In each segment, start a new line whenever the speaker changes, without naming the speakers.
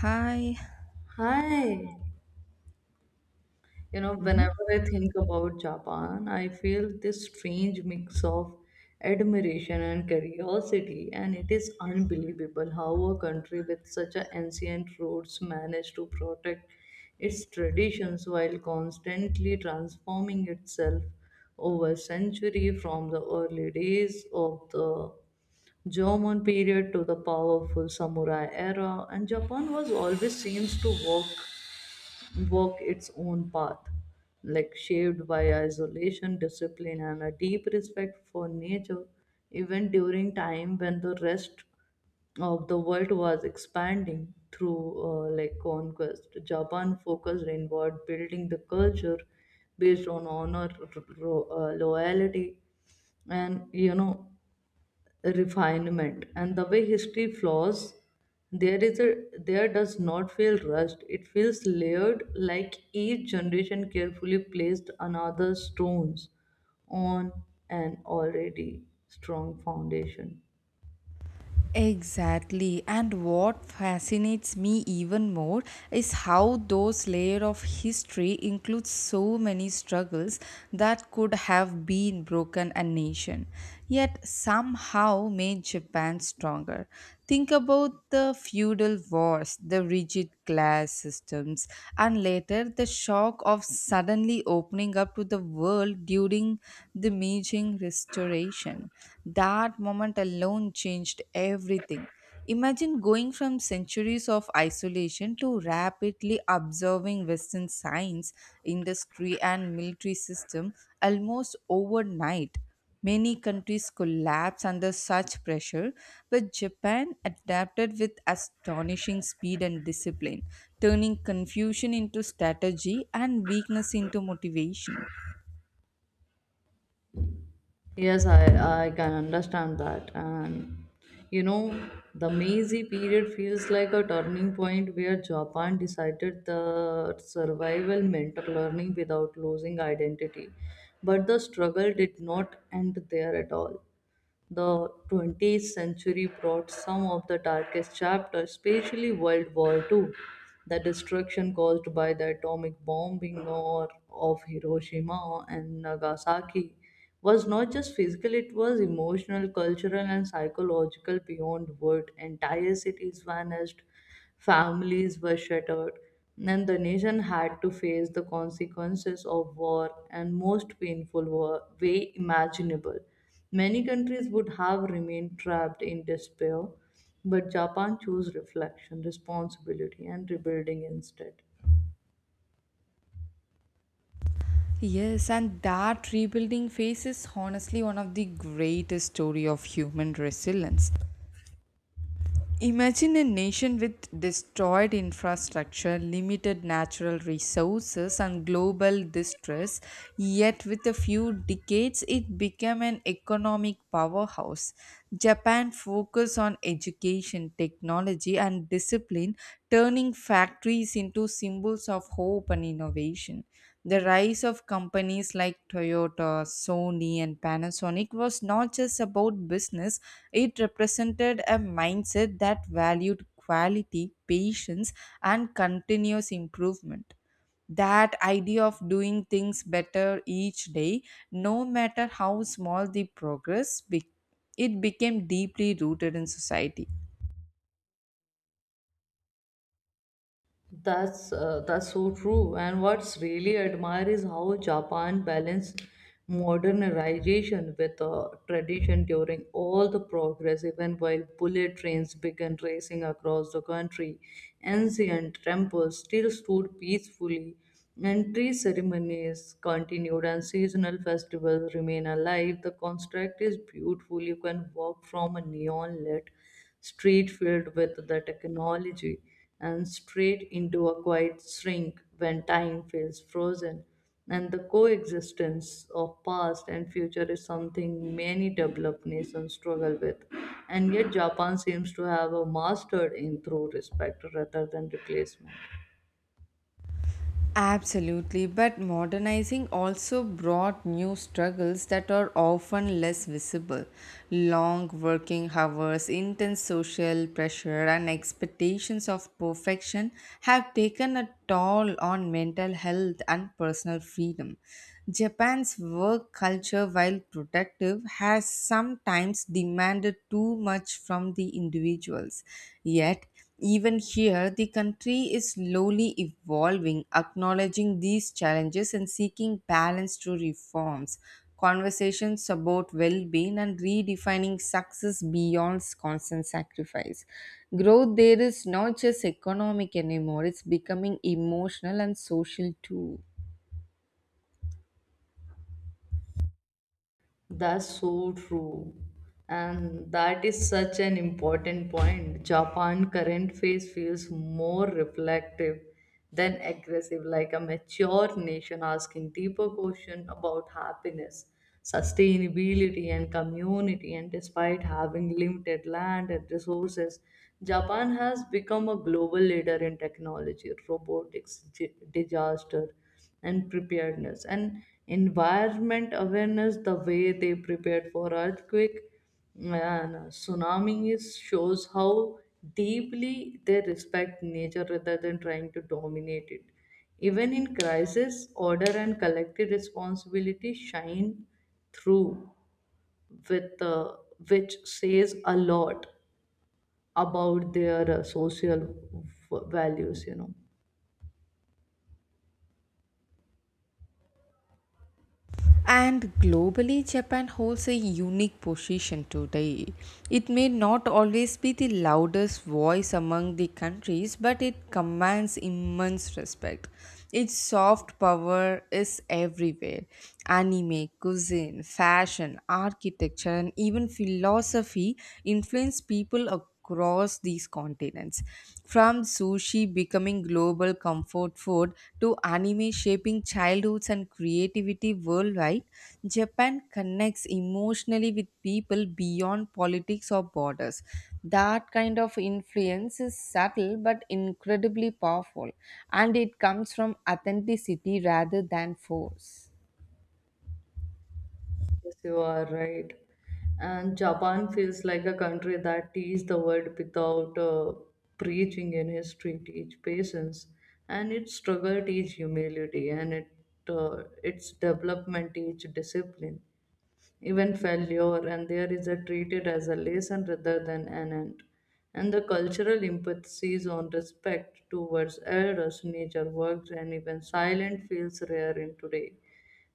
Hi.
Hi. You know,
Hmm.
whenever I think about Japan, I feel this strange mix of admiration and curiosity, and it is unbelievable how a country with such an ancient roots managed to protect its traditions while constantly transforming itself over century from the early days of the Jomon period to the powerful samurai era, and Japan was always seems to walk its own path, like shaped by isolation, discipline, and a deep respect for nature, even during time when the rest of the world was expanding through like conquest. Japan focused inward, building the culture based on honor, loyalty, and refinement, and the way history flows there is a there does not feel rushed. It feels layered, like each generation carefully placed another stones on an already strong foundation.
Exactly. And what fascinates me even more is how those layer of history includes so many struggles that could have been broken a nation, yet somehow made Japan stronger. Think about the feudal wars, the rigid class systems, and later the shock of suddenly opening up to the world during the Meijing restoration generation. That moment alone changed everything. Imagine going from centuries of isolation to rapidly observing Western science, industry, and military system almost overnight. Many countries collapsed under such pressure, but Japan adapted with astonishing speed and discipline, turning confusion into strategy and weakness into motivation.
Yes, I can understand that. And you know, the Meiji period feels like a turning point where Japan decided the survival meant learning without losing identity. But the struggle did not end there at all. The 20th century brought some of the darkest chapters, especially World War Two, the destruction caused by the atomic bombing or of Hiroshima and Nagasaki was not just physical, it was emotional, cultural, and psychological beyond word. Entire cities vanished. Families were shattered, and the nation had to face the consequences of war and most painful war way imaginable. Many countries would have remained trapped in despair, but Japan chose reflection, responsibility, and rebuilding instead.
Yes, and that rebuilding phase is honestly one of the greatest story of human resilience. Imagine a nation with destroyed infrastructure, limited natural resources, and global distress, yet with a few decades it became an economic powerhouse. Japan focused on education, technology, and discipline, turning factories into symbols of hope and innovation. The rise of companies like Toyota, Sony, and Panasonic was not just about business, it represented a mindset that valued quality, patience, and continuous improvement, that idea of doing things better each day no matter how small the progress it became deeply rooted in society.
That's so true. And what's really admire is how Japan balanced modernization with tradition during all the progress, even while bullet trains began racing across the country. Ancient temples still stood peacefully, and tree ceremonies continued, and seasonal festivals remain alive. The construct is beautiful. You can walk from a neon lit street filled with the technology, and straight into a quiet shrink when time feels frozen. And the coexistence of past and future is something many developed nations struggle with. And yet, Japan seems to have a mastered in through respect rather than replacement.
Absolutely, but modernizing also brought new struggles that are often less visible. Long working hours, intense social pressure, and expectations of perfection have taken a toll on mental health and personal freedom. Japan's work culture, while productive, has sometimes demanded too much from the individuals. Yet, even here, the country is slowly evolving, acknowledging these challenges and seeking balance through reforms, conversations about well being, and redefining success beyond constant sacrifice. Growth there is not just economic anymore, it's becoming emotional and social too.
That's so true. And that is such an important point. Japan current phase feels more reflective than aggressive, like a mature nation asking deeper questions about happiness, sustainability, and community. And despite having limited land and resources, Japan has become a global leader in technology, robotics, disaster and preparedness and environment awareness. The way they prepared for earthquake and tsunami is, shows how deeply they respect nature rather than trying to dominate it. Even in crisis, order and collective responsibility shine through with which says a lot about their social values, you know.
And globally, Japan holds a unique position today. It may not always be the loudest voice among the countries, but it commands immense respect. Its soft power is everywhere. Anime, cuisine, fashion, architecture, and even philosophy influence people across these continents. From sushi becoming global comfort food to anime shaping childhoods and creativity worldwide, Japan connects emotionally with people beyond politics or borders. That kind of influence is subtle but incredibly powerful, and it comes from authenticity rather than force.
Yes, you are right. And Japan feels like a country that teaches the world without preaching. In history, teach patience, and its struggle teach humility, and it its development teach discipline, even failure, and there is a treated as a lesson rather than an end. And the cultural emphasis on respect towards elders, nature, works, and even silent feels rare in today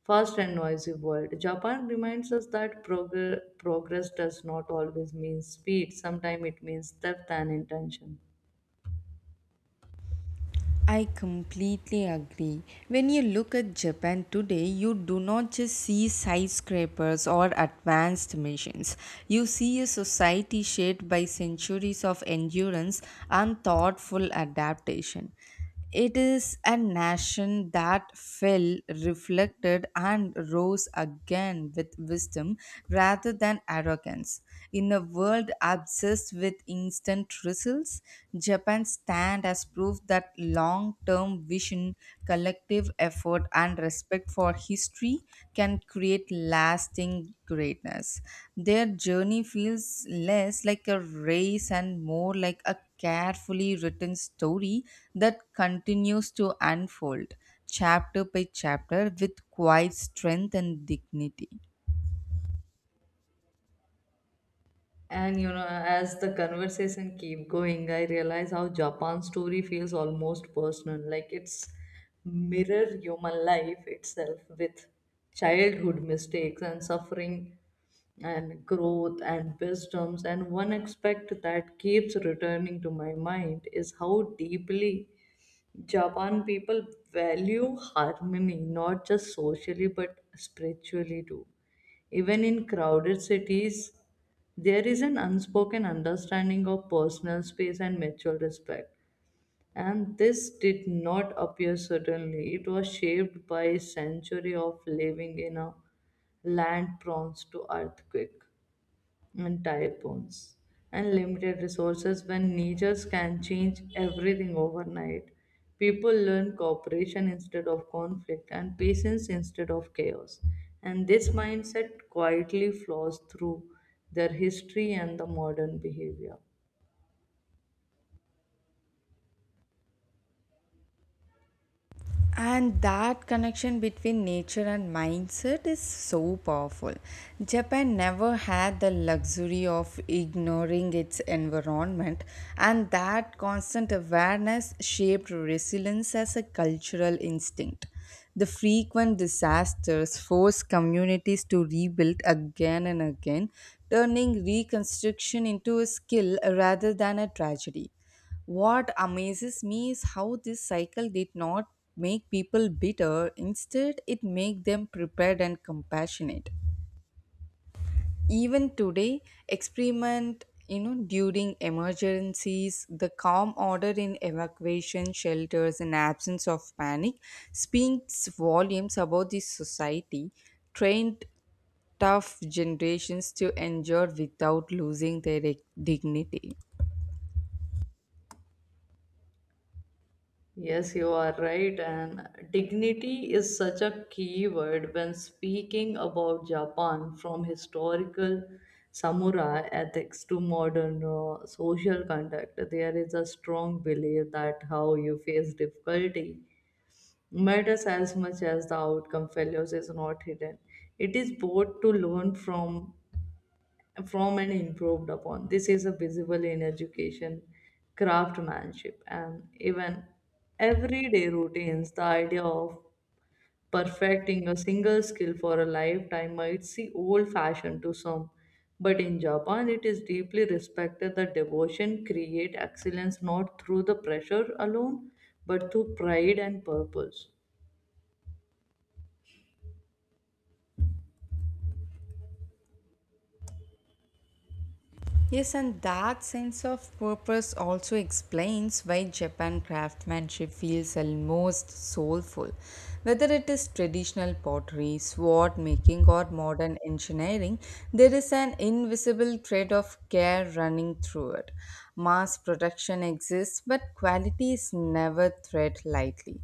fast and noisy world. Japan reminds us that progress does not always mean speed. Sometimes it means depth and intention.
I completely agree. When you look at Japan today, you do not just see skyscrapers or advanced machines. You see a society shaped by centuries of endurance and thoughtful adaptation. It is a nation that fell, reflected, and rose again with wisdom rather than arrogance. In a world obsessed exist with instant results, Japan stand as proof that long term vision, collective effort, and respect for history can create lasting greatness. Their journey feels less like a race and more like a carefully written story that continues to unfold chapter by chapter with quiet strength and dignity.
And you know, as the conversation keep going, I realize how Japan's story feels almost personal, like it's mirror human life itself with childhood mistakes and suffering and growth and wisdoms, and one aspect that keeps returning to my mind is how deeply Japan people value harmony, not just socially but spiritually too. Even in crowded cities, there is an unspoken understanding of personal space and mutual respect. And this did not appear suddenly. It was shaped by a century of living in a land prone to earthquake and typhoons and limited resources. When natures can change everything overnight, people learn cooperation instead of conflict and patience instead of chaos, and this mindset quietly flows through their history and the modern behavior.
And that connection between nature and mindset is so powerful. Japan never had the luxury of ignoring its environment, and that constant awareness shaped resilience as a cultural instinct. The frequent disasters forced communities to rebuild again and again, turning reconstruction into a skill rather than a tragedy. What amazes me is how this cycle did not make people bitter, instead, it made them prepared and compassionate. Even today, experiment during emergencies, the calm order in evacuation shelters and absence of panic speaks volumes about the society trained tough generations to endure without losing their dignity.
Yes, you are right. And dignity is such a key word when speaking about Japan, from historical samurai ethics to modern social conduct. There is a strong belief that how you face difficulty matters as much as the outcome. Failures is not hidden. It is both to learn from and improved upon. This is a visible in education, craftsmanship, and even everyday routines. The idea of perfecting a single skill for a lifetime might seem old fashioned to some, but in Japan, it is deeply respected that devotion create excellence not through the pressure alone, but through pride and purpose.
Yes, and that sense of purpose also explains why Japan craftsmanship feels almost soulful. Whether it is traditional pottery, sword making, or modern engineering, there is an invisible thread of care running through it. Mass production exists, but quality is never thread lightly.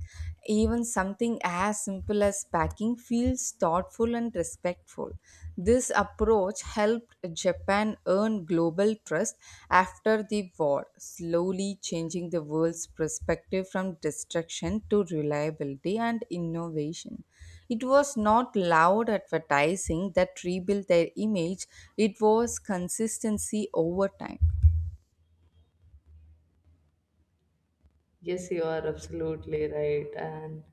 Even something as simple as packing feels thoughtful and respectful. This approach helped Japan earn global trust after the war, slowly changing the world's perspective from destruction to reliability and innovation. It was not loud advertising that rebuilt their image, it was consistency over time.
Yes, you are absolutely right. And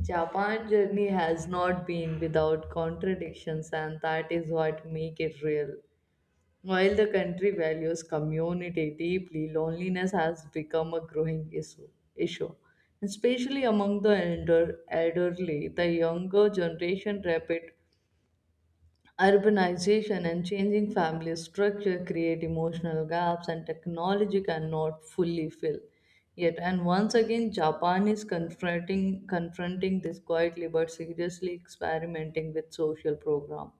Japan journey has not been without contradictions, and that is what make it real. While the country values community deeply, loneliness has become a growing issue, especially among the elderly. The younger generation rapid urbanization and changing family structure create emotional gaps and technology cannot fully fill. Yet, and once again, Japan is confronting this quietly but seriously, experimenting with social program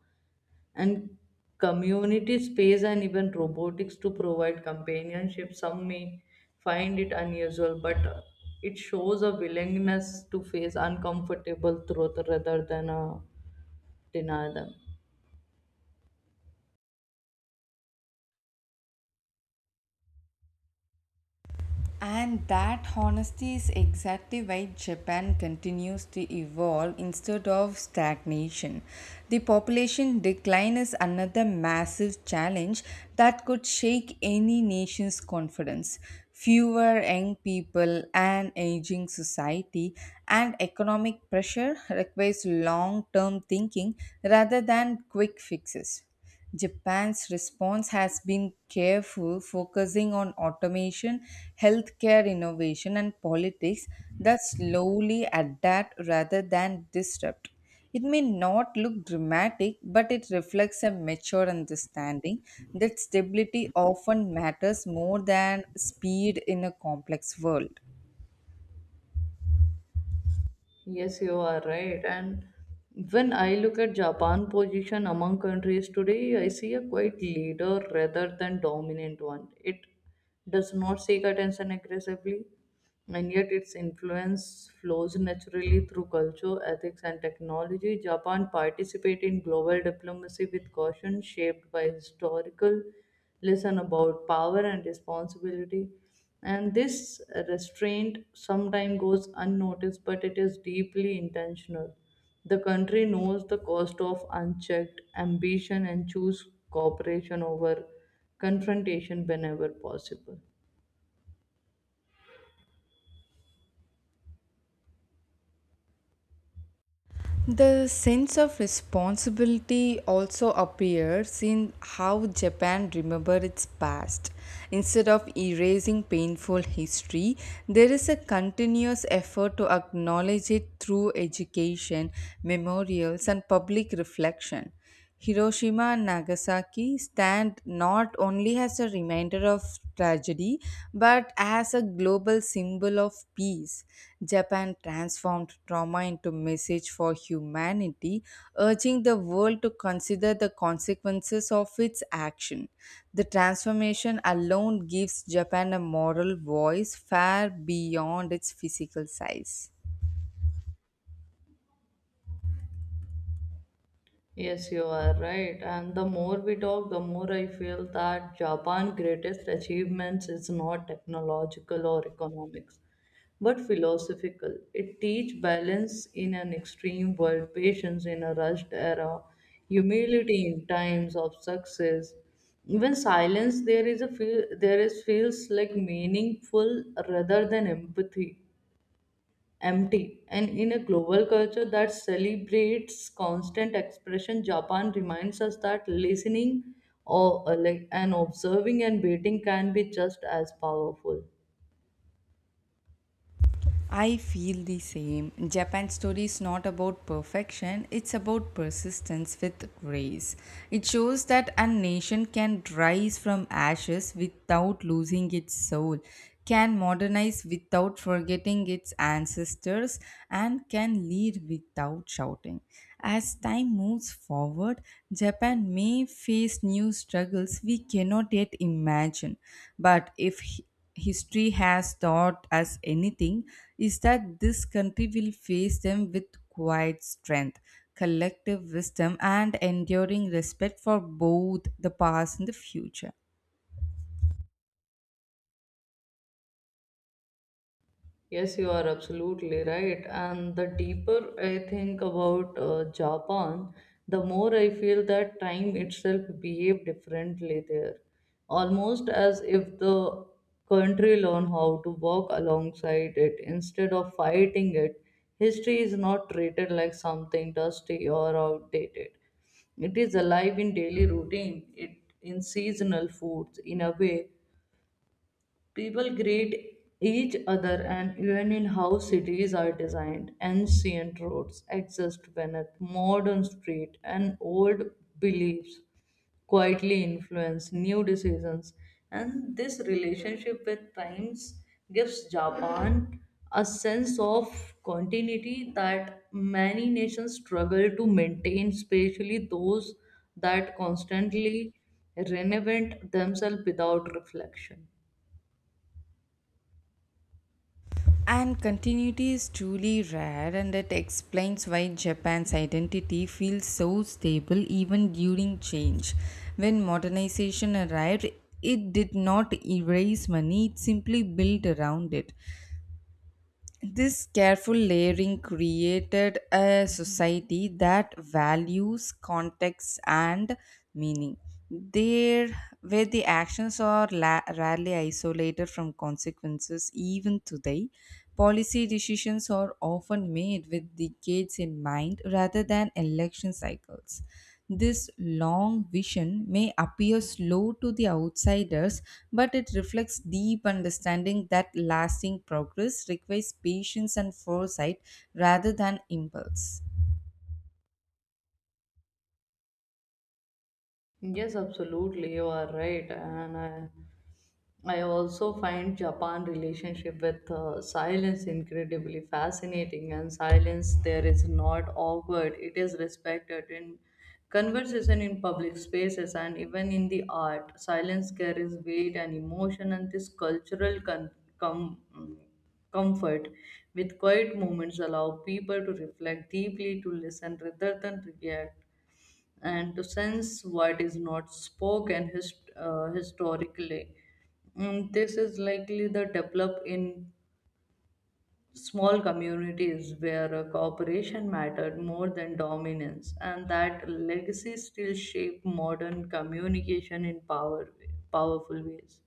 and community space and even robotics to provide companionship. Some may find it unusual, but it shows a willingness to face uncomfortable truth rather than deny them.
And that honesty is exactly why Japan continues to evolve instead of stagnation. The population decline is another massive challenge that could shake any nation's confidence. Fewer young people, an aging society, and economic pressure requires long term thinking rather than quick fixes. Japan's response has been careful, focusing on automation, healthcare innovation, and politics that slowly adapt rather than disrupt. It may not look dramatic, but it reflects a mature understanding that stability often matters more than speed in a complex world.
Yes, you are right. And when I look at Japan position among countries today, I see a quite leader rather than dominant one. It does not seek attention aggressively, and yet its influence flows naturally through culture, ethics, and technology. Japan participates in global diplomacy with caution, shaped by historical lesson about power and responsibility. And this restraint sometimes goes unnoticed, but it is deeply intentional. The country knows the cost of unchecked ambition and choose cooperation over confrontation whenever possible.
The sense of responsibility also appears in how Japan remembers its past. Instead of erasing painful history, there is a continuous effort to acknowledge it through education, memorials, and public reflection. Hiroshima and Nagasaki stand not only as a reminder of tragedy but as a global symbol of peace. Japan transformed trauma into message for humanity, urging the world to consider the consequences of its action. The transformation alone gives Japan a moral voice far beyond its physical size.
Yes, you are right. And the more we talk, the more I feel that Japan's greatest achievements is not technological or economics, but philosophical. It teach balance in an extreme world, patience in a rushed era, humility in times of success. Even silence there is feels like meaningful rather than empathy empty. And in a global culture that celebrates constant expression, Japan reminds us that listening or like and observing and waiting can be just as powerful.
I feel the same. Japan's story is not about perfection, it's about persistence with grace. It shows that a nation can rise from ashes without losing its soul, can modernize without forgetting its ancestors, and can lead without shouting. As time moves forward, Japan may face new struggles we cannot yet imagine. But if history has taught us anything, is that this country will face them with quiet strength, collective wisdom, and enduring respect for both the past and the future.
Yes, you are absolutely right. And the deeper I think about Japan, the more I feel that time itself behaved differently there. Almost as if the country learned how to walk alongside it instead of fighting it. History is not treated like something dusty or outdated. It is alive in daily routine, it in seasonal foods, in a way people greet each other, and even in how cities are designed. Ancient roads exist beneath modern street, and old beliefs quietly influence new decisions. And this relationship with times gives Japan a sense of continuity that many nations struggle to maintain, especially those that constantly reinvent themselves without reflection.
And continuity is truly rare, and it explains why Japan's identity feels so stable even during change. When modernization arrived, it did not erase money, it simply built around it. This careful layering created a society that values context and meaning. There, where the actions are rarely isolated from consequences, even today, policy decisions are often made with decades in mind rather than election cycles. This long vision may appear slow to the outsiders, but it reflects deep understanding that lasting progress requires patience and foresight rather than impulse.
Yes, absolutely, you are right. And I also find Japan relationship with silence incredibly fascinating. And silence there is not awkward; it is respected in conversation, in public spaces, and even in the art. Silence carries weight and emotion, and this cultural com- mm, comfort with quiet moments allow people to reflect deeply, to listen rather than react and to sense what is not spoken historically. This is likely the develop in small communities where cooperation mattered more than dominance, and that legacy still shape modern communication in powerful ways.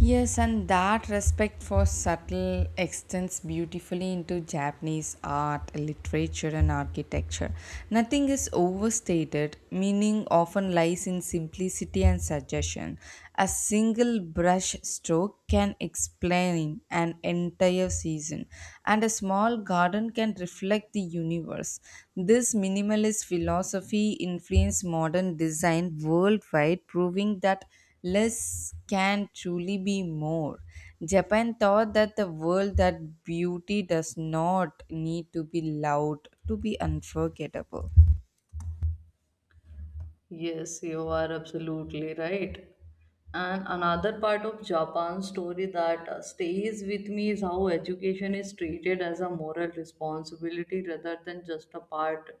Yes, and that respect for subtle extends beautifully into Japanese art, literature, and architecture. Nothing is overstated, meaning often lies in simplicity and suggestion. A single brush stroke can explain an entire season, and a small garden can reflect the universe. This minimalist philosophy influenced modern design worldwide, proving that less can truly be more. Japan taught that the world that beauty does not need to be loud to be unforgettable.
Yes, you are absolutely right. And another part of Japan's story that stays with me is how education is treated as a moral responsibility rather than just a part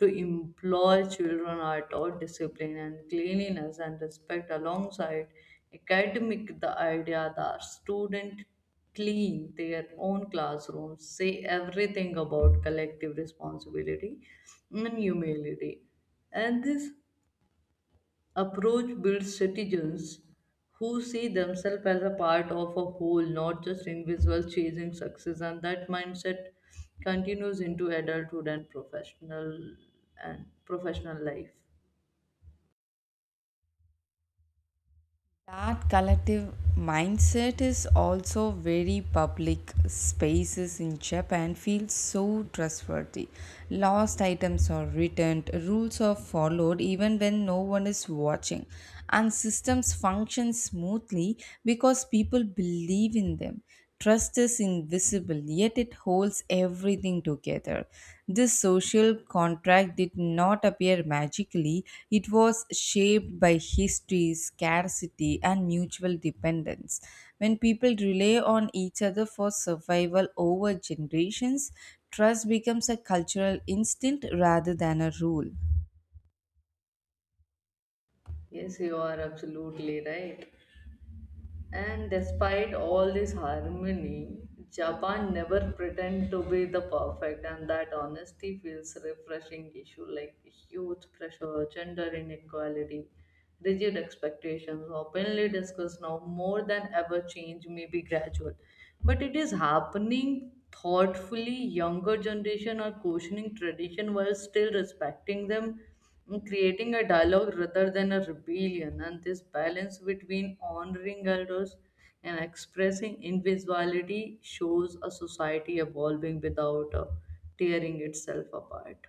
to employ children at all discipline and cleanliness and respect alongside academic. The idea that student clean their own classrooms say everything about collective responsibility and humility, and this approach builds citizens who see themselves as a part of a whole, not just individuals chasing success, and that mindset continues into adulthood and professional life.
That collective mindset is also very public. Spaces in Japan feel so trustworthy. Lost items are returned, rules are followed even when no one is watching, and systems function smoothly because people believe in them. Trust is invisible, yet it holds everything together. This social contract did not appear magically, it was shaped by history, scarcity, and mutual dependence. When people rely on each other for survival over generations, trust becomes a cultural instinct rather than a rule.
Yes, you are absolutely right. And despite all this harmony, Japan never pretend to be the perfect, and that honesty feels refreshing. Issue like huge pressure, gender inequality, rigid expectations, openly discussed now more than ever. Change may be gradual, but it is happening thoughtfully. Younger generation are questioning tradition while still respecting them, creating a dialogue rather than a rebellion, and this balance between honoring elders and expressing individuality shows a society evolving without tearing itself apart.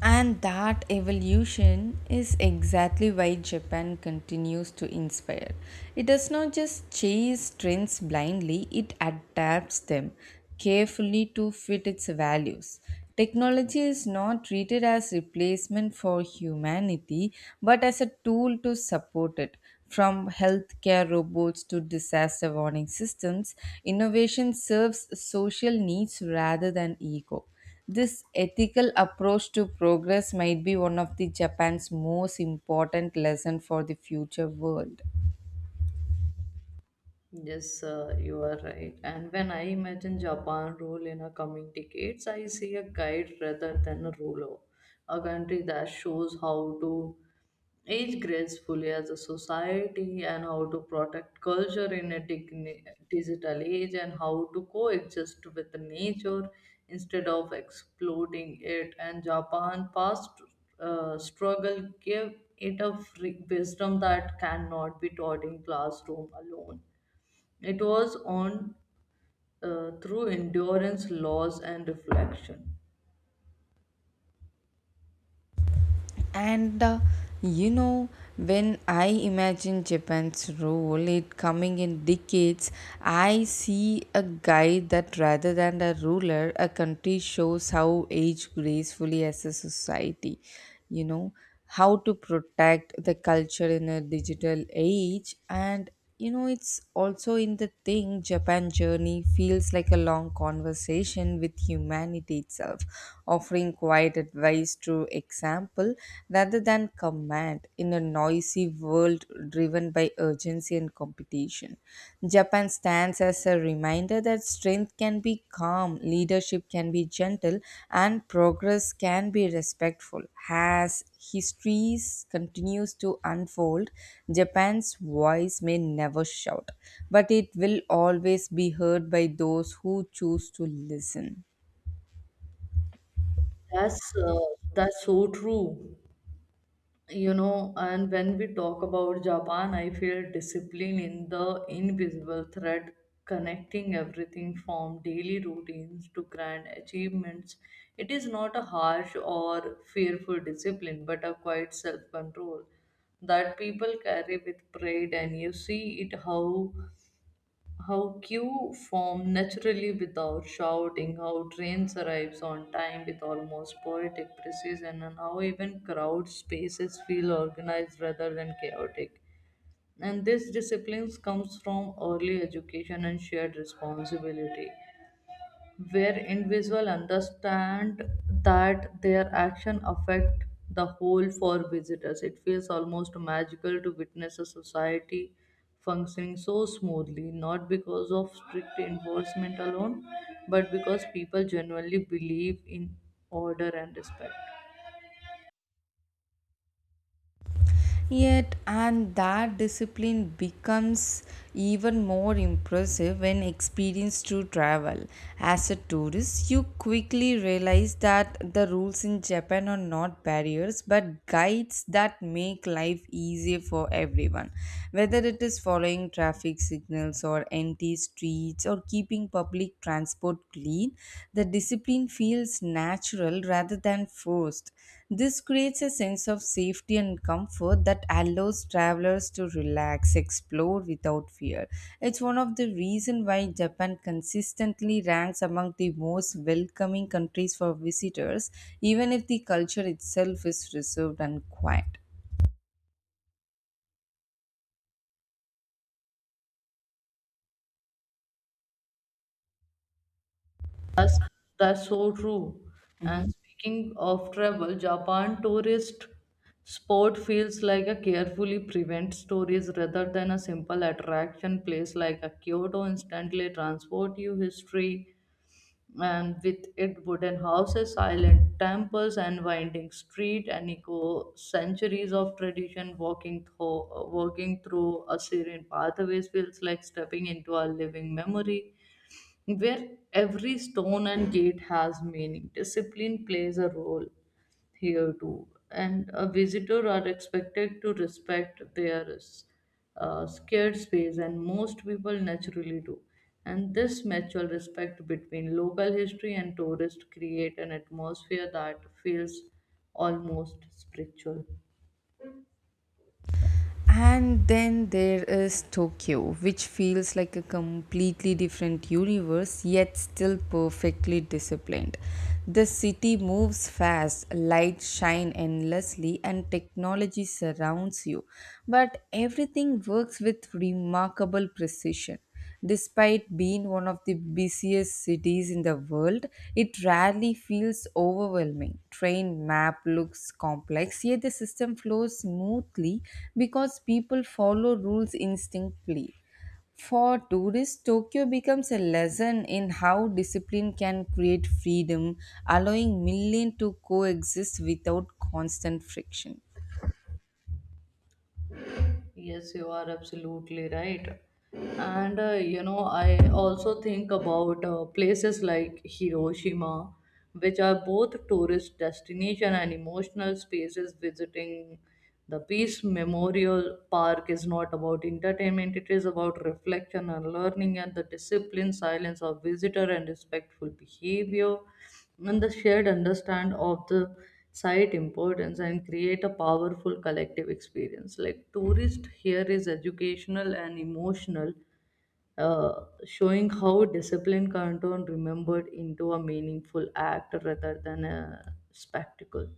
And that evolution is exactly why Japan continues to inspire. It does not just chase trends blindly, it adapts them carefully to fit its values. Technology is not treated as replacement for humanity, but as a tool to support it. From healthcare robots to disaster warning systems, innovation serves social needs rather than ego. This ethical approach to progress might be one of the Japan's most important lesson for the future world.
Yes you are right, and when I imagine Japan role in a coming decades, I see a guide rather than a ruler, a country that shows how to age gracefully as a society, and how to protect culture in a digital age, and how to coexist with nature instead of exploiting it. And Japan past struggle gave it a free wisdom that cannot be taught in classroom alone. It was on through endurance, laws, and reflection.
And you know, when I imagine Japan's role it coming in decades, I see a guide that rather than a ruler, a country shows how age gracefully as a society. You know, how to protect the culture in a digital age, and it's also in the thing Japan journey feels like a long conversation with humanity itself, offering quiet advice through example rather than command. In a noisy world driven by urgency and competition, Japan stands as a reminder that strength can be calm, leadership can be gentle, and progress can be respectful. As history continues to unfold, Japan's voice may never shout, but it will always be heard by those who choose to listen.
That's uh, that's so true. You know, and when we talk about Japan, I feel discipline in the invisible thread connecting everything from daily routines to grand achievements. It is not a harsh or fearful discipline but a quiet self control that people carry with pride, and you see it how queue form naturally without shouting, how trains arrives on time with almost poetic precision, and how even crowd spaces feel organized rather than chaotic. And this discipline comes from early education and shared responsibility where individuals understand that their action affect the whole. For visitors, it feels almost magical to witness a society functioning so smoothly not because of strict enforcement alone, but because people genuinely believe in order and respect.
Yet, and that discipline becomes even more impressive when experienced to travel. As a tourist, you quickly realize that the rules in Japan are not barriers but guides that make life easier for everyone. Whether it is following traffic signals or empty streets or keeping public transport clean, the discipline feels natural rather than forced. This creates a sense of safety and comfort that allows travelers to relax, explore without fear. It's one of the reasons why Japan consistently ranks among the most welcoming countries for visitors, even if the culture itself is reserved and quiet.
That's so true. And
Mhm.
speaking of travel, Japan tourist spot feels like a carefully prevent stories rather than a simple attraction place. Like a Kyoto instantly transport you history, and with it wooden houses, silent temples and winding street and echo centuries of tradition. Walking through a serene pathways feels like stepping into a living memory where every stone and gate has meaning. Discipline plays a role here too, and a visitor are expected to respect their scared space, and most people naturally do. And this mutual respect between local history and tourists create an atmosphere that feels almost spiritual.
And then there is Tokyo, which feels like a completely different universe, yet still perfectly disciplined. The city moves fast, lights shine endlessly, and technology surrounds you. But everything works with remarkable precision. Despite being one of the busiest cities in the world, it rarely feels overwhelming. Train map looks complex, yet the system flows smoothly because people follow rules instinctively. For tourists, Tokyo becomes a lesson in how discipline can create freedom, allowing millions to coexist without constant friction.
Yes, you are absolutely right. And you know, I also think about places like Hiroshima, which are both tourist destination and emotional spaces. Visiting the Peace Memorial Park is not about entertainment; it is about reflection and learning, and the discipline, silence of visitor, and respectful behavior, and the shared understand of the site importance and create a powerful collective experience. Like tourist here is educational and emotional, showing how discipline can turn remembered into a meaningful act rather than a spectacle.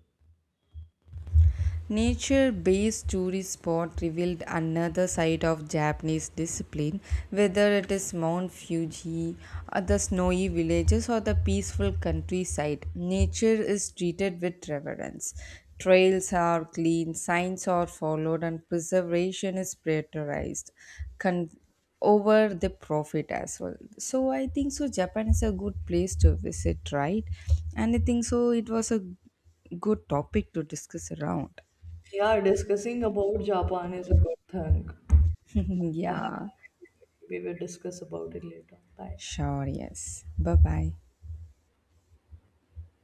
Nature based tourist spot revealed another side of Japanese discipline, whether it is Mount Fuji, or the snowy villages, or the peaceful countryside. Nature is treated with reverence. Trails are clean, signs are followed, and preservation is prioritized con- over the profit as well. So, I think so. Japan is a good place to visit, right? And I think so. It was a good topic to discuss around.
Yeah, discussing about Japan is a good thing. I have-
Yeah,
We will discuss about it later. Bye.
sure, yes. Bye bye.